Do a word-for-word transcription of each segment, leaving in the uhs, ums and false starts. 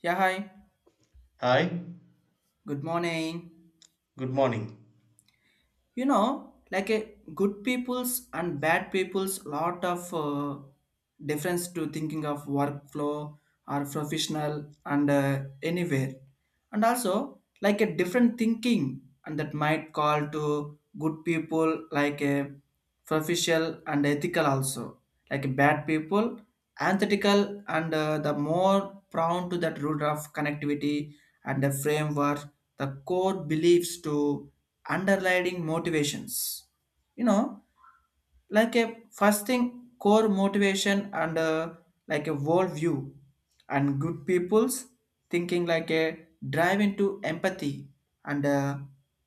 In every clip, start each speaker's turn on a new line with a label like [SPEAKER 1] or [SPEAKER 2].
[SPEAKER 1] Yeah, hi.
[SPEAKER 2] Hi,
[SPEAKER 1] Good morning.
[SPEAKER 2] good morning.
[SPEAKER 1] You know, like a good people's and bad people's lot of uh, difference to thinking of workflow or professional and uh, anywhere. And also like a different thinking and that might call to good people like a superficial and ethical also, like bad people antithetical and uh, the more prone to that root of connectivity and the framework, the core beliefs to underlying motivations, you know, like a first thing core motivation and uh, like a worldview. And good people's thinking like a drive into empathy and uh,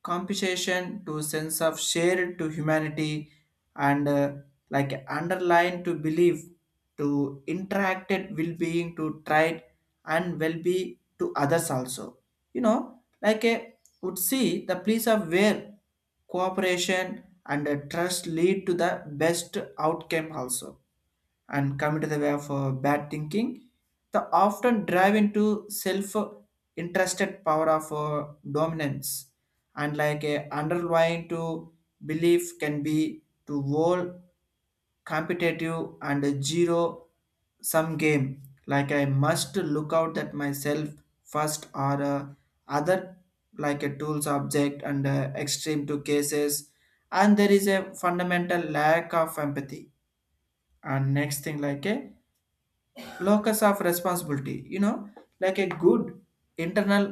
[SPEAKER 1] compensation to sense of shared to humanity and uh, like underline to believe to interacted well-being to try and well-be to others also, you know, like a would see the place of where cooperation and uh, trust lead to the best outcome also. And come to the way of uh, bad thinking, the often drive into self interested power of uh, dominance and like a underlying to belief can be to whole competitive and a zero sum game, like I must look out at myself first or uh, other, like a tools object and uh, extreme to cases, and there is a fundamental lack of empathy. And next thing like a locus of responsibility, you know, like a good internal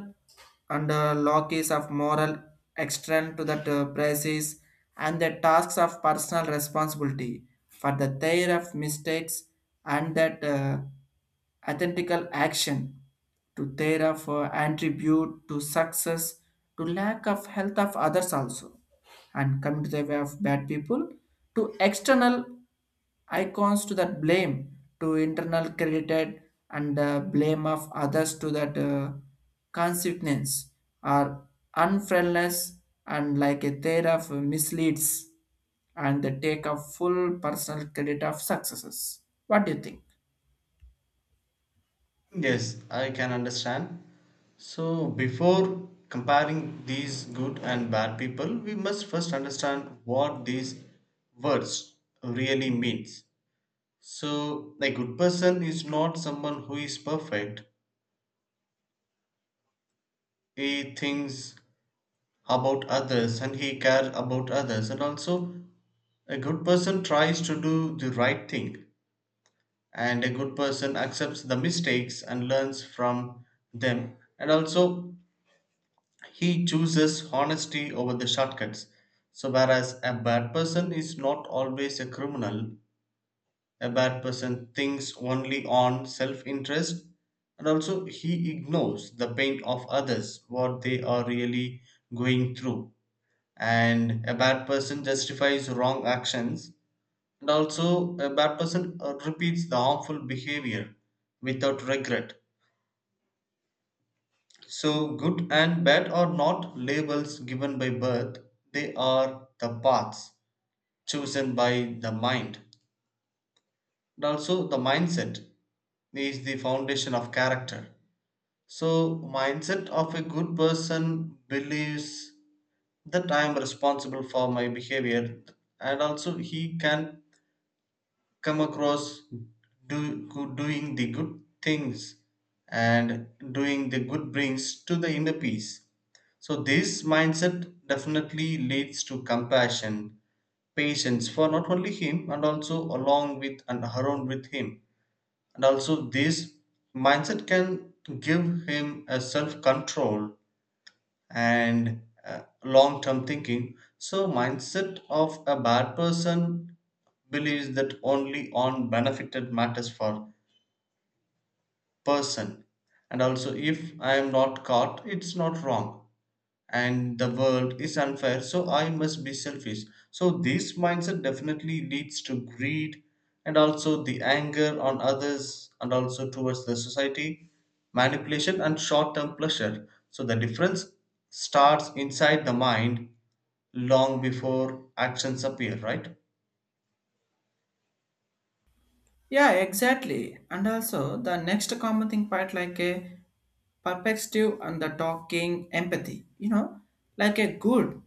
[SPEAKER 1] and uh, locus of moral extend to that uh, prices and the tasks of personal responsibility for the their of mistakes and that uh, authentical action to their of uh, attribute to success to lack of health of others also. And coming to the way of bad people, to external icons to that blame to internal credited and uh, blame of others to that uh, consequence are unfriendless and like a theory of misleads, and they take a full personal credit of successes. What do you think?
[SPEAKER 2] Yes, I can understand. So, before comparing these good and bad people, we must first understand what these words really means. So, a good person is not someone who is perfect. He thinks about others and he cares about others, and also a good person tries to do the right thing and a good person accepts the mistakes and learns from them and also he chooses honesty over the shortcuts. So whereas a bad person is not always a criminal, a bad person thinks only on self interest and also he ignores the pain of others what they are really going through, and a bad person justifies wrong actions and also a bad person uh, repeats the harmful behavior without regret. So good and bad are not labels given by birth, they are the paths chosen by the mind, and also the mindset is the foundation of character. So mindset of a good person believes that I am responsible for my behavior, and also he can come across do, go- doing the good things, and doing the good brings to the inner peace. So, this mindset definitely leads to compassion, patience for not only him and also along with and around with him. And also, this mindset can give him a self control and uh, long term thinking. So mindset of a bad person believes that only on benefited matters for person, and also if I am not caught it's not wrong, and the world is unfair, so I must be selfish. So, this mindset definitely leads to greed and also the anger on others and also towards the society, manipulation, and short term pleasure. So, the difference starts inside the mind long before actions appear, right?
[SPEAKER 1] Yeah, exactly. And also the next common thing part like a perspective and the talking empathy, you know, like a good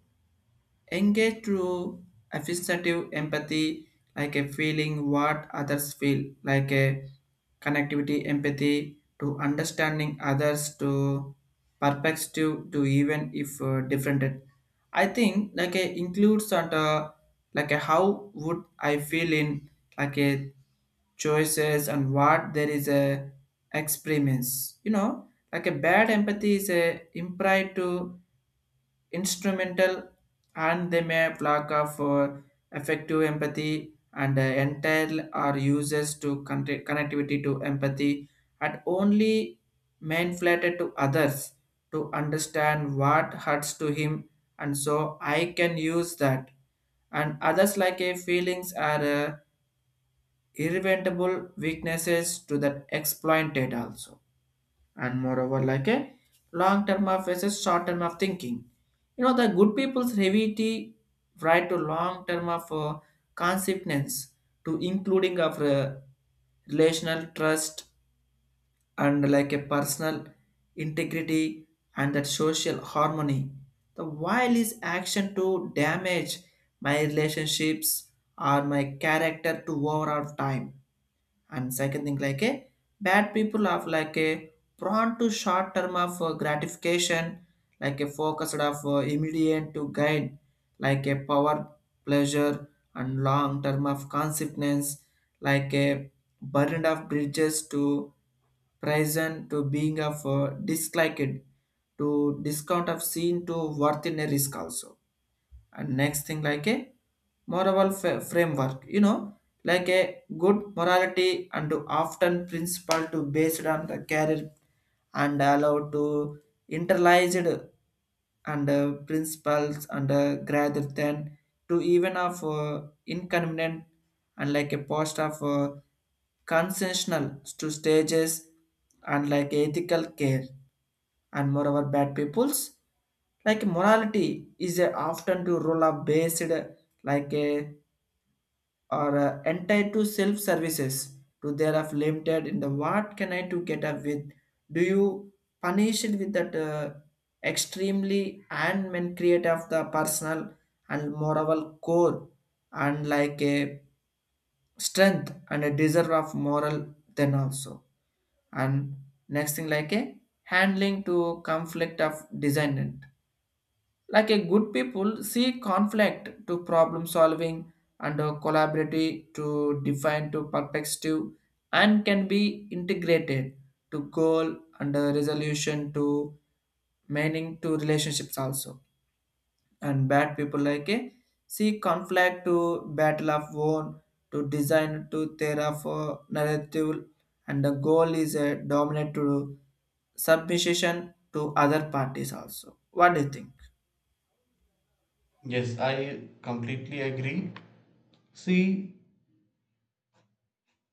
[SPEAKER 1] engage through affective empathy, like a feeling what others feel, like a connectivity empathy to understanding others to perspective to even if uh, different. I think like a includes on the like a how would I feel in like a choices and what there is a experience, you know, like a bad empathy is a implied to instrumental and they may have lack of uh, effective empathy and uh, entire are users to connect- connectivity to empathy and only manipulated to others to understand what hurts to him and so I can use that and others like a feelings are uh, irreventable weaknesses to that exploited also. And moreover like a long term of versus short term of thinking, you know, the good people's heavy right to long term of uh, consequence to including of uh, relational trust and like a personal integrity and that social harmony, the while is action to damage my relationships or my character to overall time. And second thing, like a bad people are like a prone to short term of uh, gratification, like a focused of uh, immediate to gain, like a power, pleasure, and long term of consequence, like a burden of bridges to present to being of uh, disliked to discount of seen to worth in a risk also. And next thing like a moral f- framework, you know, like a good morality and to often principle to based on the career and allowed to internalized and uh, principles and uh, rather than to even of uh, inconvenient and like a post of uh, consensual to stages and like ethical care. And moreover bad peoples like morality is a often to roll up based uh, like a or a entire to self services to thereof limited in the what can I to get up with, do you punish it with that uh, extremely and men create of the personal and moral core and like a strength and a deserve of moral then also. And next thing like a handling to conflict of designant, like a good people see conflict to problem solving and a collaborative to define to perspective and can be integrated to goal and a resolution to meaning to relationships also. And bad people like a see conflict to battle of one to design to thereof narrative and the goal is a dominant to submission to other parties also. What do you think?
[SPEAKER 2] Yes, I completely agree. See,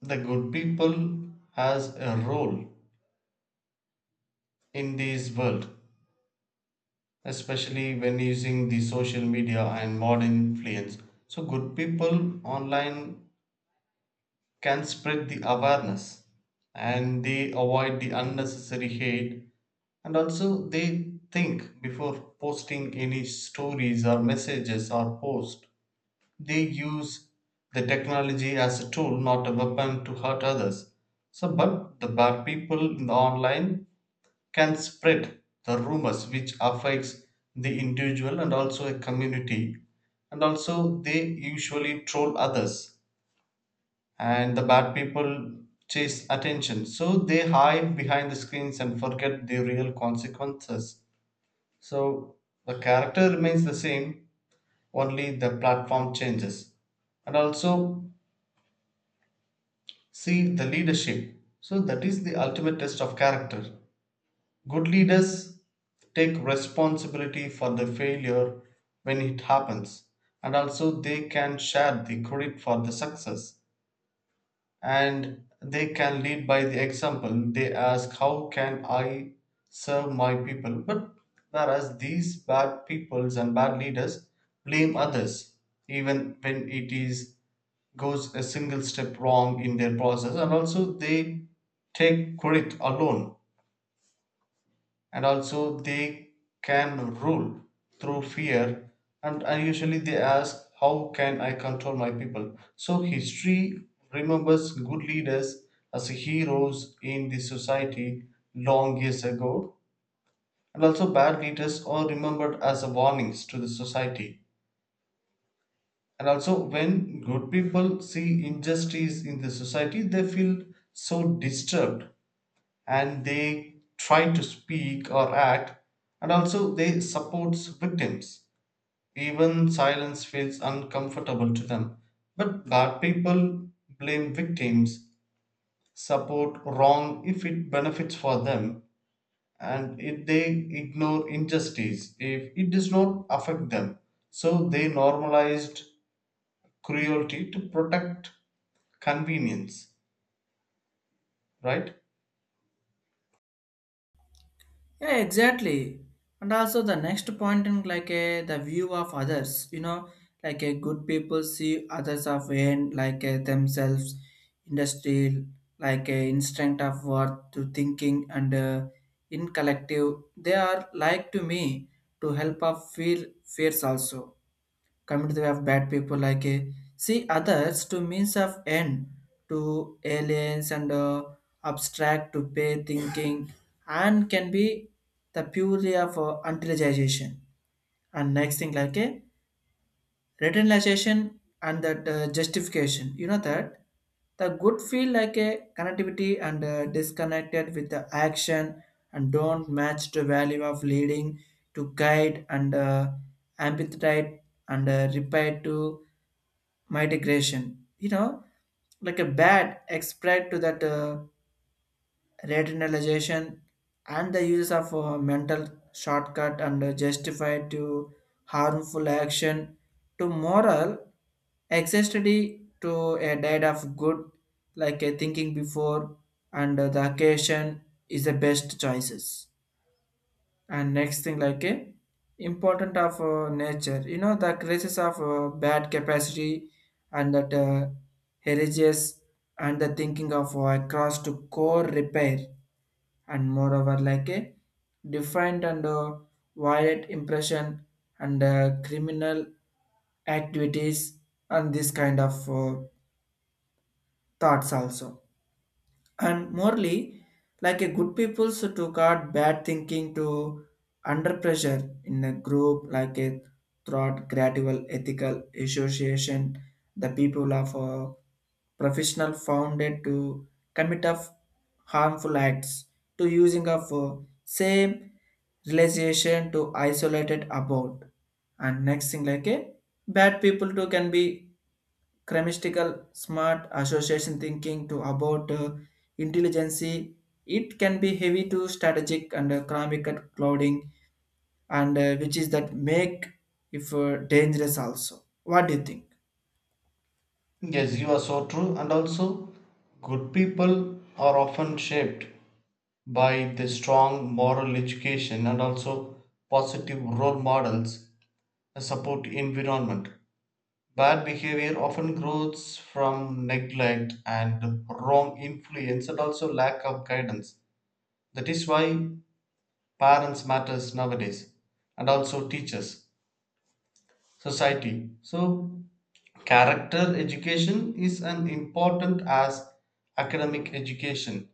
[SPEAKER 2] the good people has a role in this world especially when using the social media and modern influence. So, good people online can spread the awareness and they avoid the unnecessary hate and also they think before posting any stories or messages or post. They use the technology as a tool, not a weapon to hurt others. So, but the bad people in the online can spread the rumors which affects the individual and also a community, and also they usually troll others, and the bad people chase attention so they hide behind the screens and forget the real consequences. So the character remains the same, only the platform changes. And also, see the leadership, so that is the ultimate test of character. Good leaders take responsibility for the failure when it happens, and also they can share the credit for the success and they can lead by the example. They ask, how can I serve my people? But whereas these bad peoples and bad leaders blame others even when it is goes a single step wrong in their process, and also they take credit alone, and also they can rule through fear, and usually they ask how can I control my people. So history remembers good leaders as heroes in the society long years ago, and also bad leaders are remembered as warnings to the society. And also when good people see injustice in the society they feel so disturbed, and they try to speak or act, and also they supports victims, even silence feels uncomfortable to them. But bad people blame victims, support wrong if it benefits for them, and if they ignore injustice if it does not affect them, so they normalized cruelty to protect convenience, right?
[SPEAKER 1] Yeah, exactly. And also the next point in like a the view of others, you know, like a good people see others of and like a themselves industry like a instinct of worth to thinking and uh, in collective they are like to me to help of feel fears also, community of bad people like uh, see others to means of end to aliens and uh, abstract to pay thinking and can be the purely of uh, utilization. And next thing like a rationalization and that uh, justification. You know that the good feel like a connectivity and uh, disconnected with the action and don't match the value of leading to guide and uh, amplify and uh, repair to migration. You know, like a bad expressed to that. Uh, retinalization and the use of uh, mental shortcut and uh, justified to harmful action to moral accessibility to a diet of good, like a thinking before and uh, the occasion is the best choices. And next thing like a important of uh, nature, you know, the crisis of uh, bad capacity and that uh, heresies and the thinking of uh, across to core repair. And moreover like a defined and uh, violent impression and uh, criminal activities and this kind of uh, thoughts also. And morally like a good people so to guard bad thinking to under pressure in a group, like a throughout gradual ethical association the people of a professional founded to commit of harmful acts to using of uh, same realization to isolated about. And next thing like a bad people too can be chemistical smart association thinking to about uh, intelligence, it can be heavy to strategic and uh, economic at clouding and uh, which is that make if uh, dangerous also. What do you think?
[SPEAKER 2] Yes, you are so true. And also, good people are often shaped by the strong moral education and also positive role models, a support environment. Bad behavior often grows from neglect and wrong influence and also lack of guidance. That is why parents matters nowadays, and also teachers. Society. So, character education is an important as academic education.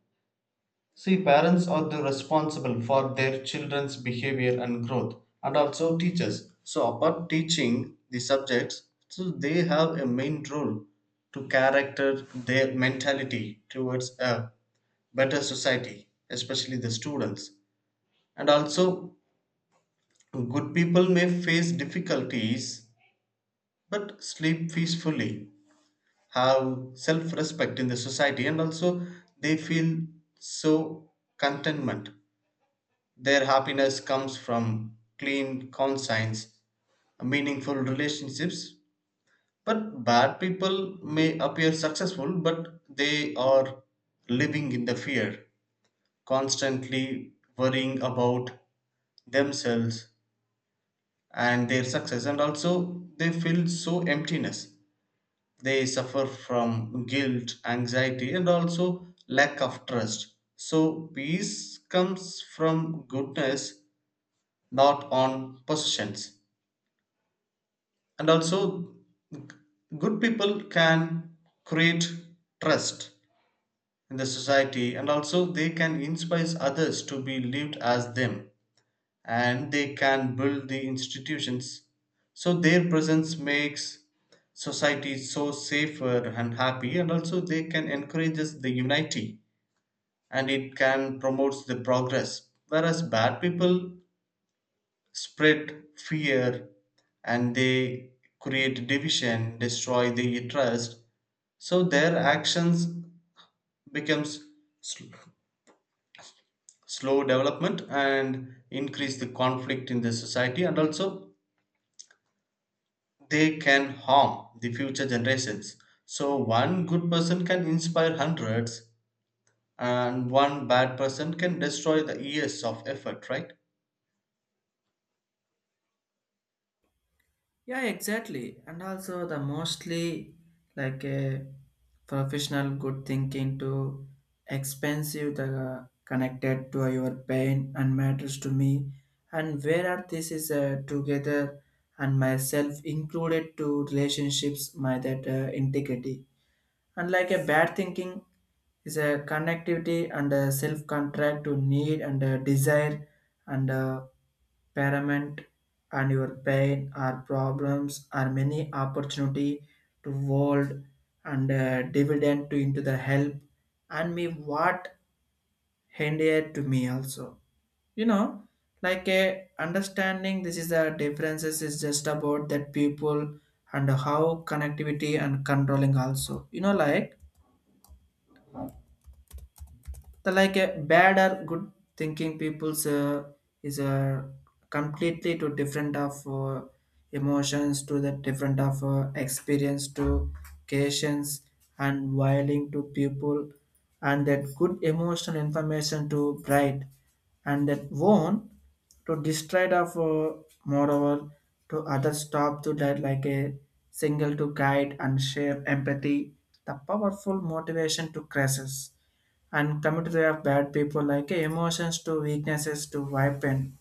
[SPEAKER 2] See, parents are the responsible for their children's behavior and growth, and also teachers. So, apart teaching the subjects, so they have a main role to character their mentality towards a better society, especially the students. And also, good people may face difficulties but sleep peacefully, have self-respect in the society, and also they feel so contentment. Their happiness comes from clean conscience, meaningful relationships. But bad people may appear successful, but they are living in the fear, constantly worrying about themselves and their success, and also they feel so emptiness. They suffer from guilt, anxiety, and also lack of trust. So, peace comes from goodness, not on possessions. And also, good people can create trust in the society, and also they can inspire others to be lived as them, and they can build the institutions. So their presence makes society so safer and happy, and also they can encourage us the unity, and it can promotes the progress. Whereas bad people spread fear, and they create division, destroy the trust. So their actions becomes sl- slow development and increase the conflict in the society, and also they can harm the future generations. So, one good person can inspire hundreds, and one bad person can destroy the years of effort, right?
[SPEAKER 1] Yeah, exactly. And also the mostly like a professional good thinking to expensive the uh, connected to your pain and matters to me and where are this is uh, together and myself included to relationships my that uh, integrity. Unlike a bad thinking, is a connectivity and a self-contract to need and a desire and a paramount and your pain or problems are many opportunity to world and uh, dividend to into the help and me what hindered to me also, you know, like a understanding this is the differences is just about that people and how connectivity and controlling also, you know, like the like a bad or good thinking people's uh, is uh, completely to different of uh, emotions to the different of uh, experience to creations and wiling to people and that good emotional information to bright and that won't to destroy the uh, moreover to others stop to that like a single to guide and share empathy the powerful motivation to crisis and commit to have bad people like emotions to weaknesses to weapon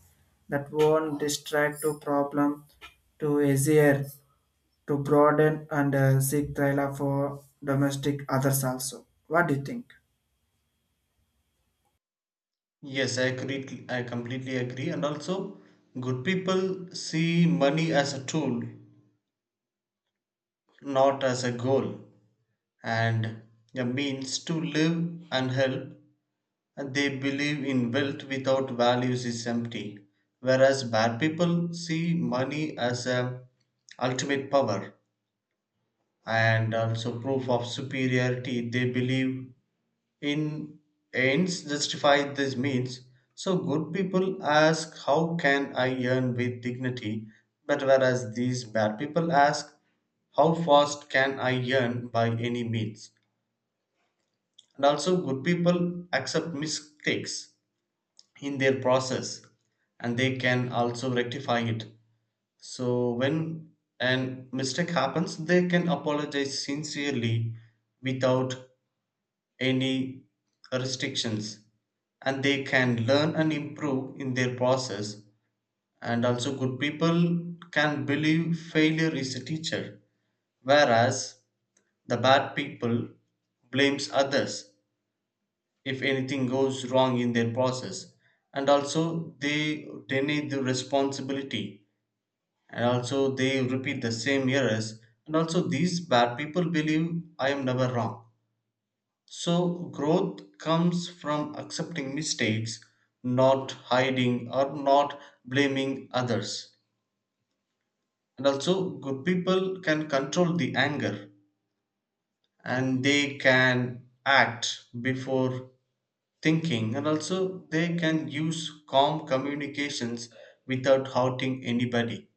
[SPEAKER 1] that won't distract to problem to easier to broaden and uh, seek trial for domestic others also. What do you think?
[SPEAKER 2] Yes, I, agree, I completely agree. And also, good people see money as a tool, not as a goal, and a means to live and help. And they believe in wealth without values is empty. Whereas bad people see money as a ultimate power and also proof of superiority. They believe in ends justify these means. So good people ask how can I earn with dignity, but whereas these bad people ask how fast can I earn by any means. And also good people accept mistakes in their process and they can also rectify it. So when an mistake happens they can apologize sincerely without any restrictions, and they can learn and improve in their process, and also good people can believe failure is a teacher. Whereas the bad people blames others if anything goes wrong in their process, and also they deny the responsibility, and also they repeat the same errors, and also these bad people believe I am never wrong. So, growth comes from accepting mistakes, not hiding or not blaming others. And also, good people can control the anger and they can act before thinking, and also, they can use calm communications without hurting anybody.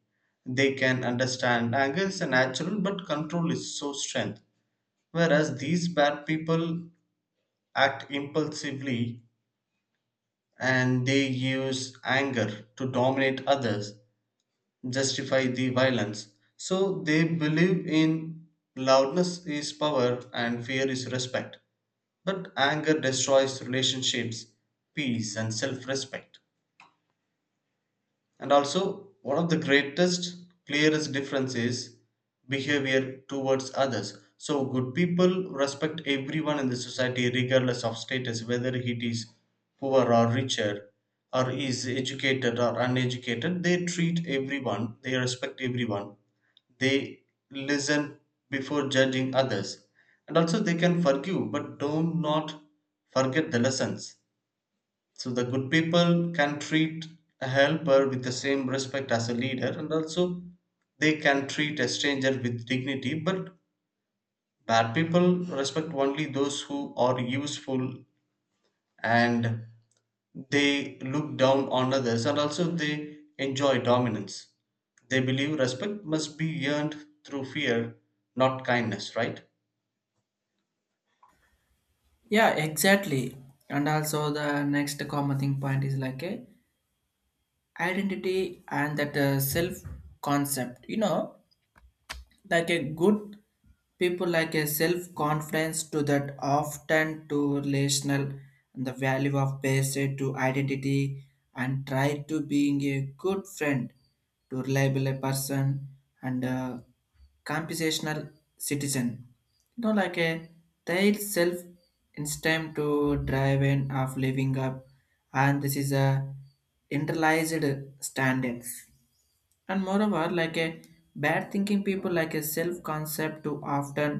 [SPEAKER 2] They can understand anger is a natural, but control is so strength. Whereas these bad people act impulsively and they use anger to dominate others, justify the violence. So they believe in loudness is power and fear is respect. But anger destroys relationships, peace, and self respect. And also, one of the greatest, clearest difference is behavior towards others. So, good people respect everyone in the society regardless of status, whether it is poor or richer, or is educated or uneducated. They treat everyone, they respect everyone, they listen before judging others, and also they can forgive but do not forget the lessons. So the good people can treat a helper with the same respect as a leader, and also they can treat a stranger with dignity. But bad people respect only those who are useful, and they look down on others, and also they enjoy dominance. They believe respect must be earned through fear, not kindness, right?
[SPEAKER 1] Yeah, exactly. And also the next common thing point is like a identity and that uh, self concept. You know, like a good people like a self-confidence to that often to relational and the value of base to identity and try to being a good friend to reliable a person and a compensational citizen. You know, like a their self instinct to drive in of living up and this is a internalized standards. And moreover like a bad thinking people like a self concept to often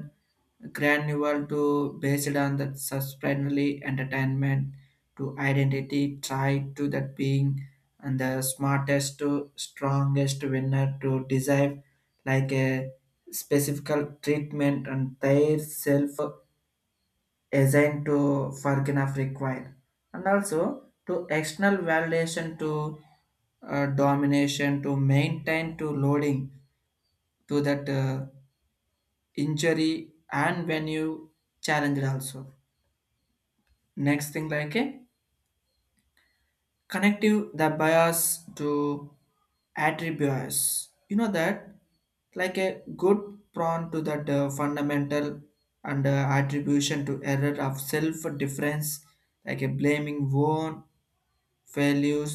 [SPEAKER 1] granular to based on that sustainably entertainment to identity tied to that being and the smartest to strongest winner to desire, like a specific treatment and their self assigned to Furkina required, and also to external validation to uh, domination to maintain to loading to that uh, injury and when you challenge also. Next thing like a connective the bias to attributes. You know that like a good prone to that uh, fundamental and uh, attribution to error of self difference, like a blaming one failures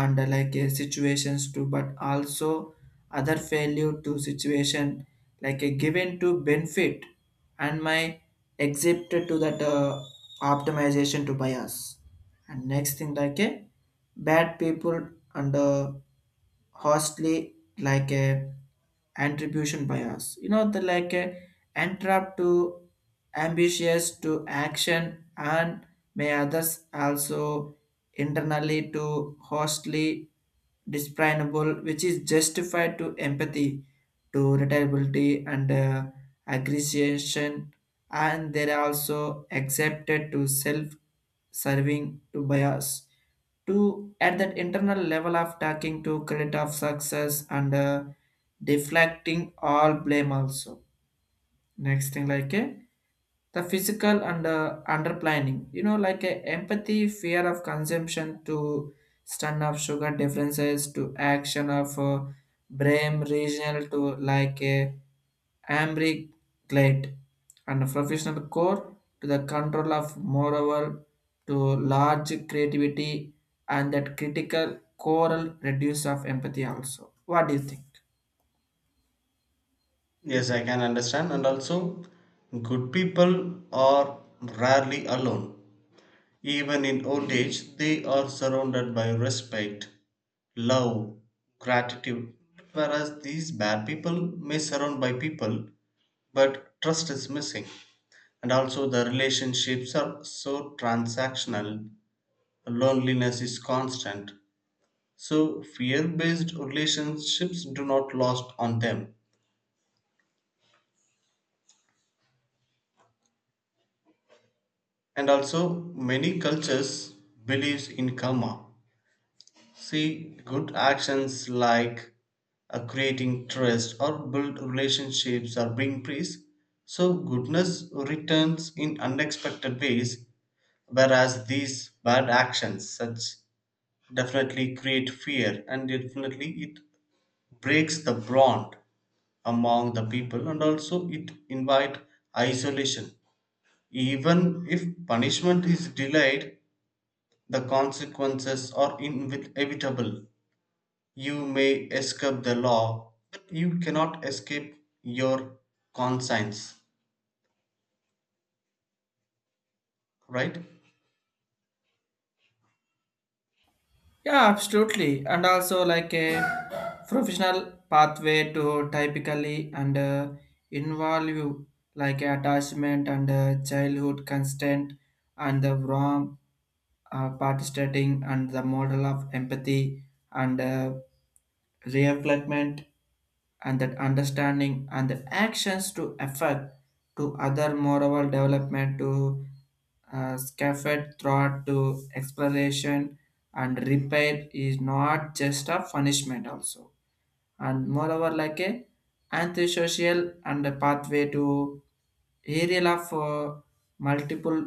[SPEAKER 1] and uh, like a situations too but also other failure to situation, like a given to benefit and my exit to that uh, optimization to bias. And next thing like a bad people and uh, hostly like a attribution bias, you know, the like a entrap to ambitious to action and may others also internally to hostly discernible which is justified to empathy to reliability and uh, aggression and they are also accepted to self serving to bias to at that internal level of taking to credit of success and uh, deflecting all blame also. Next thing like a the physical and uh, underplanning, you know, like a empathy fear of consumption to stand up sugar differences to action of uh, brain regional to like a ambric glide and professional core to the control of moral to large creativity and that critical choral reduce of empathy also. What do you think?
[SPEAKER 2] Yes, I can understand. And also, good people are rarely alone. Even in old age, they are surrounded by respect, love, gratitude. Whereas these bad people may surround by people, but trust is missing. And also the relationships are so transactional. Loneliness is constant. So fear-based relationships do not last on them. And also many cultures believes in karma. See, good actions like uh, creating trust or build relationships or bring peace. So goodness returns in unexpected ways, whereas these bad actions such definitely create fear and definitely it breaks the bond among the people, and also it invite isolation. Even if punishment is delayed, the consequences are inevitable. You may escape the law, but you cannot escape your conscience, right?
[SPEAKER 1] Yeah, absolutely. And also like a professional pathway to typically and uh, involve you like attachment and uh, childhood constant and the warm uh, participating and the model of empathy and uh, reflectment and that understanding and the actions to affect to other moral development to uh, scaffold thought to exploration and repair is not just a punishment also. And moreover like a antisocial and a pathway to aerial of uh, multiple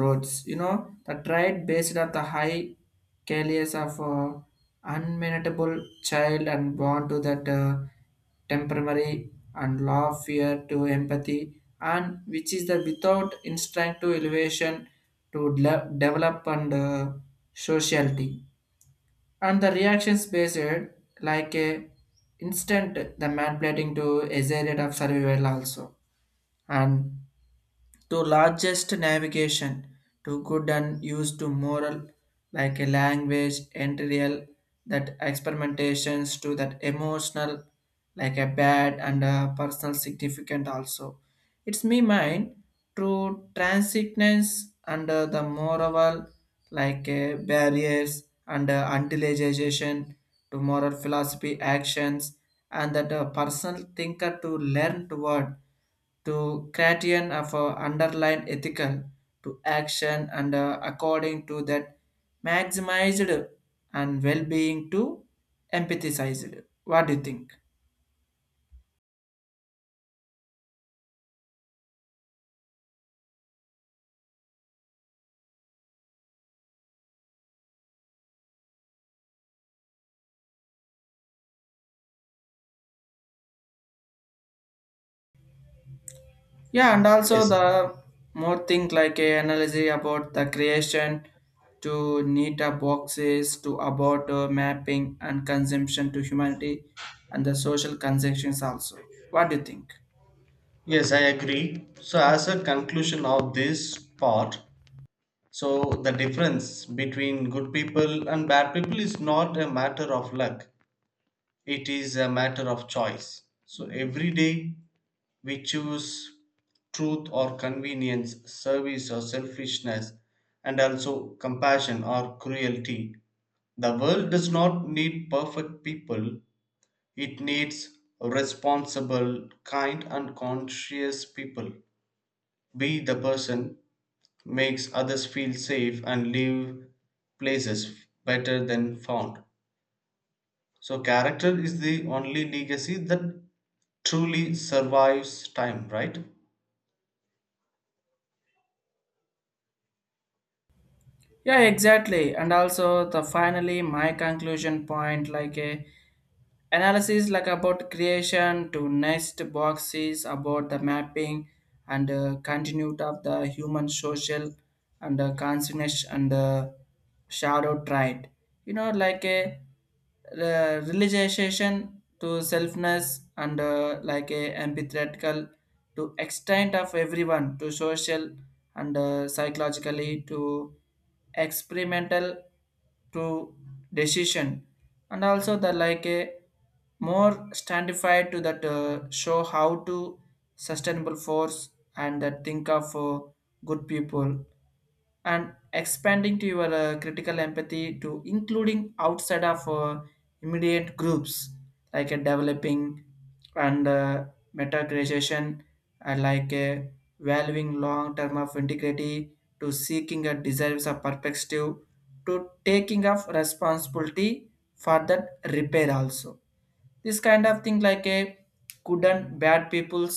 [SPEAKER 1] roads, you know, the trade based on the high calias of uh, unmanageable child and born to that uh, temporary and law of fear to empathy and which is the without instinct to elevation to de- develop and uh, sociality and the reactions based like a instant the manipulating to is area of survival also. And to largest navigation to good and used to moral like a language and that experimentations to that emotional like a bad and a personal significant also, it's me mind to transcendence under the moral like uh, barriers and uh, utilization to moral philosophy actions and that a personal thinker to learn toward to criterion of uh, underlying ethical to action and uh, according to that maximized and well-being to empathized. What do you think? Yeah, and also
[SPEAKER 2] Yes,
[SPEAKER 1] the more thing like a analogy about the creation to neat up boxes to about uh, mapping and consumption to humanity and the social concessions also. What do you think?
[SPEAKER 2] yes, I agree. So, as a conclusion of this part, so the difference between good people and bad people is not a matter of luck, it is a matter of choice. So, every day we choose truth or convenience, service or selfishness, and also compassion or cruelty. The world does not need perfect people, it needs responsible, kind, and conscious people. Be the person makes others feel safe and leave places better than found. So, character is the only legacy that truly survives time, right?
[SPEAKER 1] Yeah, exactly. And also the finally my conclusion point like a analysis like about creation to nest boxes about the mapping and uh, continued of the human social and uh, consciousness and uh, shadow tried, you know, like a uh, realization to selfness and uh, like a empathical to extent of everyone to social and uh, psychologically to experimental to decision. And also the like a more standified to that uh, show how to sustainable force and that think of uh, good people and expanding to your uh, critical empathy to including outside of uh, immediate groups, like a developing and uh, metacognition and like a valuing long term of integrity to seeking a desires of perspective to taking of responsibility for that repair also. This kind of thing like a good and bad people's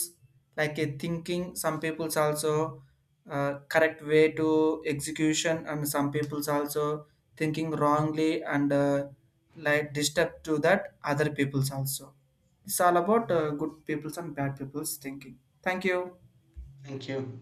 [SPEAKER 1] like a thinking some people's also uh, correct way to execution and some people's also thinking wrongly and uh, like disturb to that other people's also, it's all about uh, good people's and bad people's thinking. Thank you.
[SPEAKER 2] Thank you.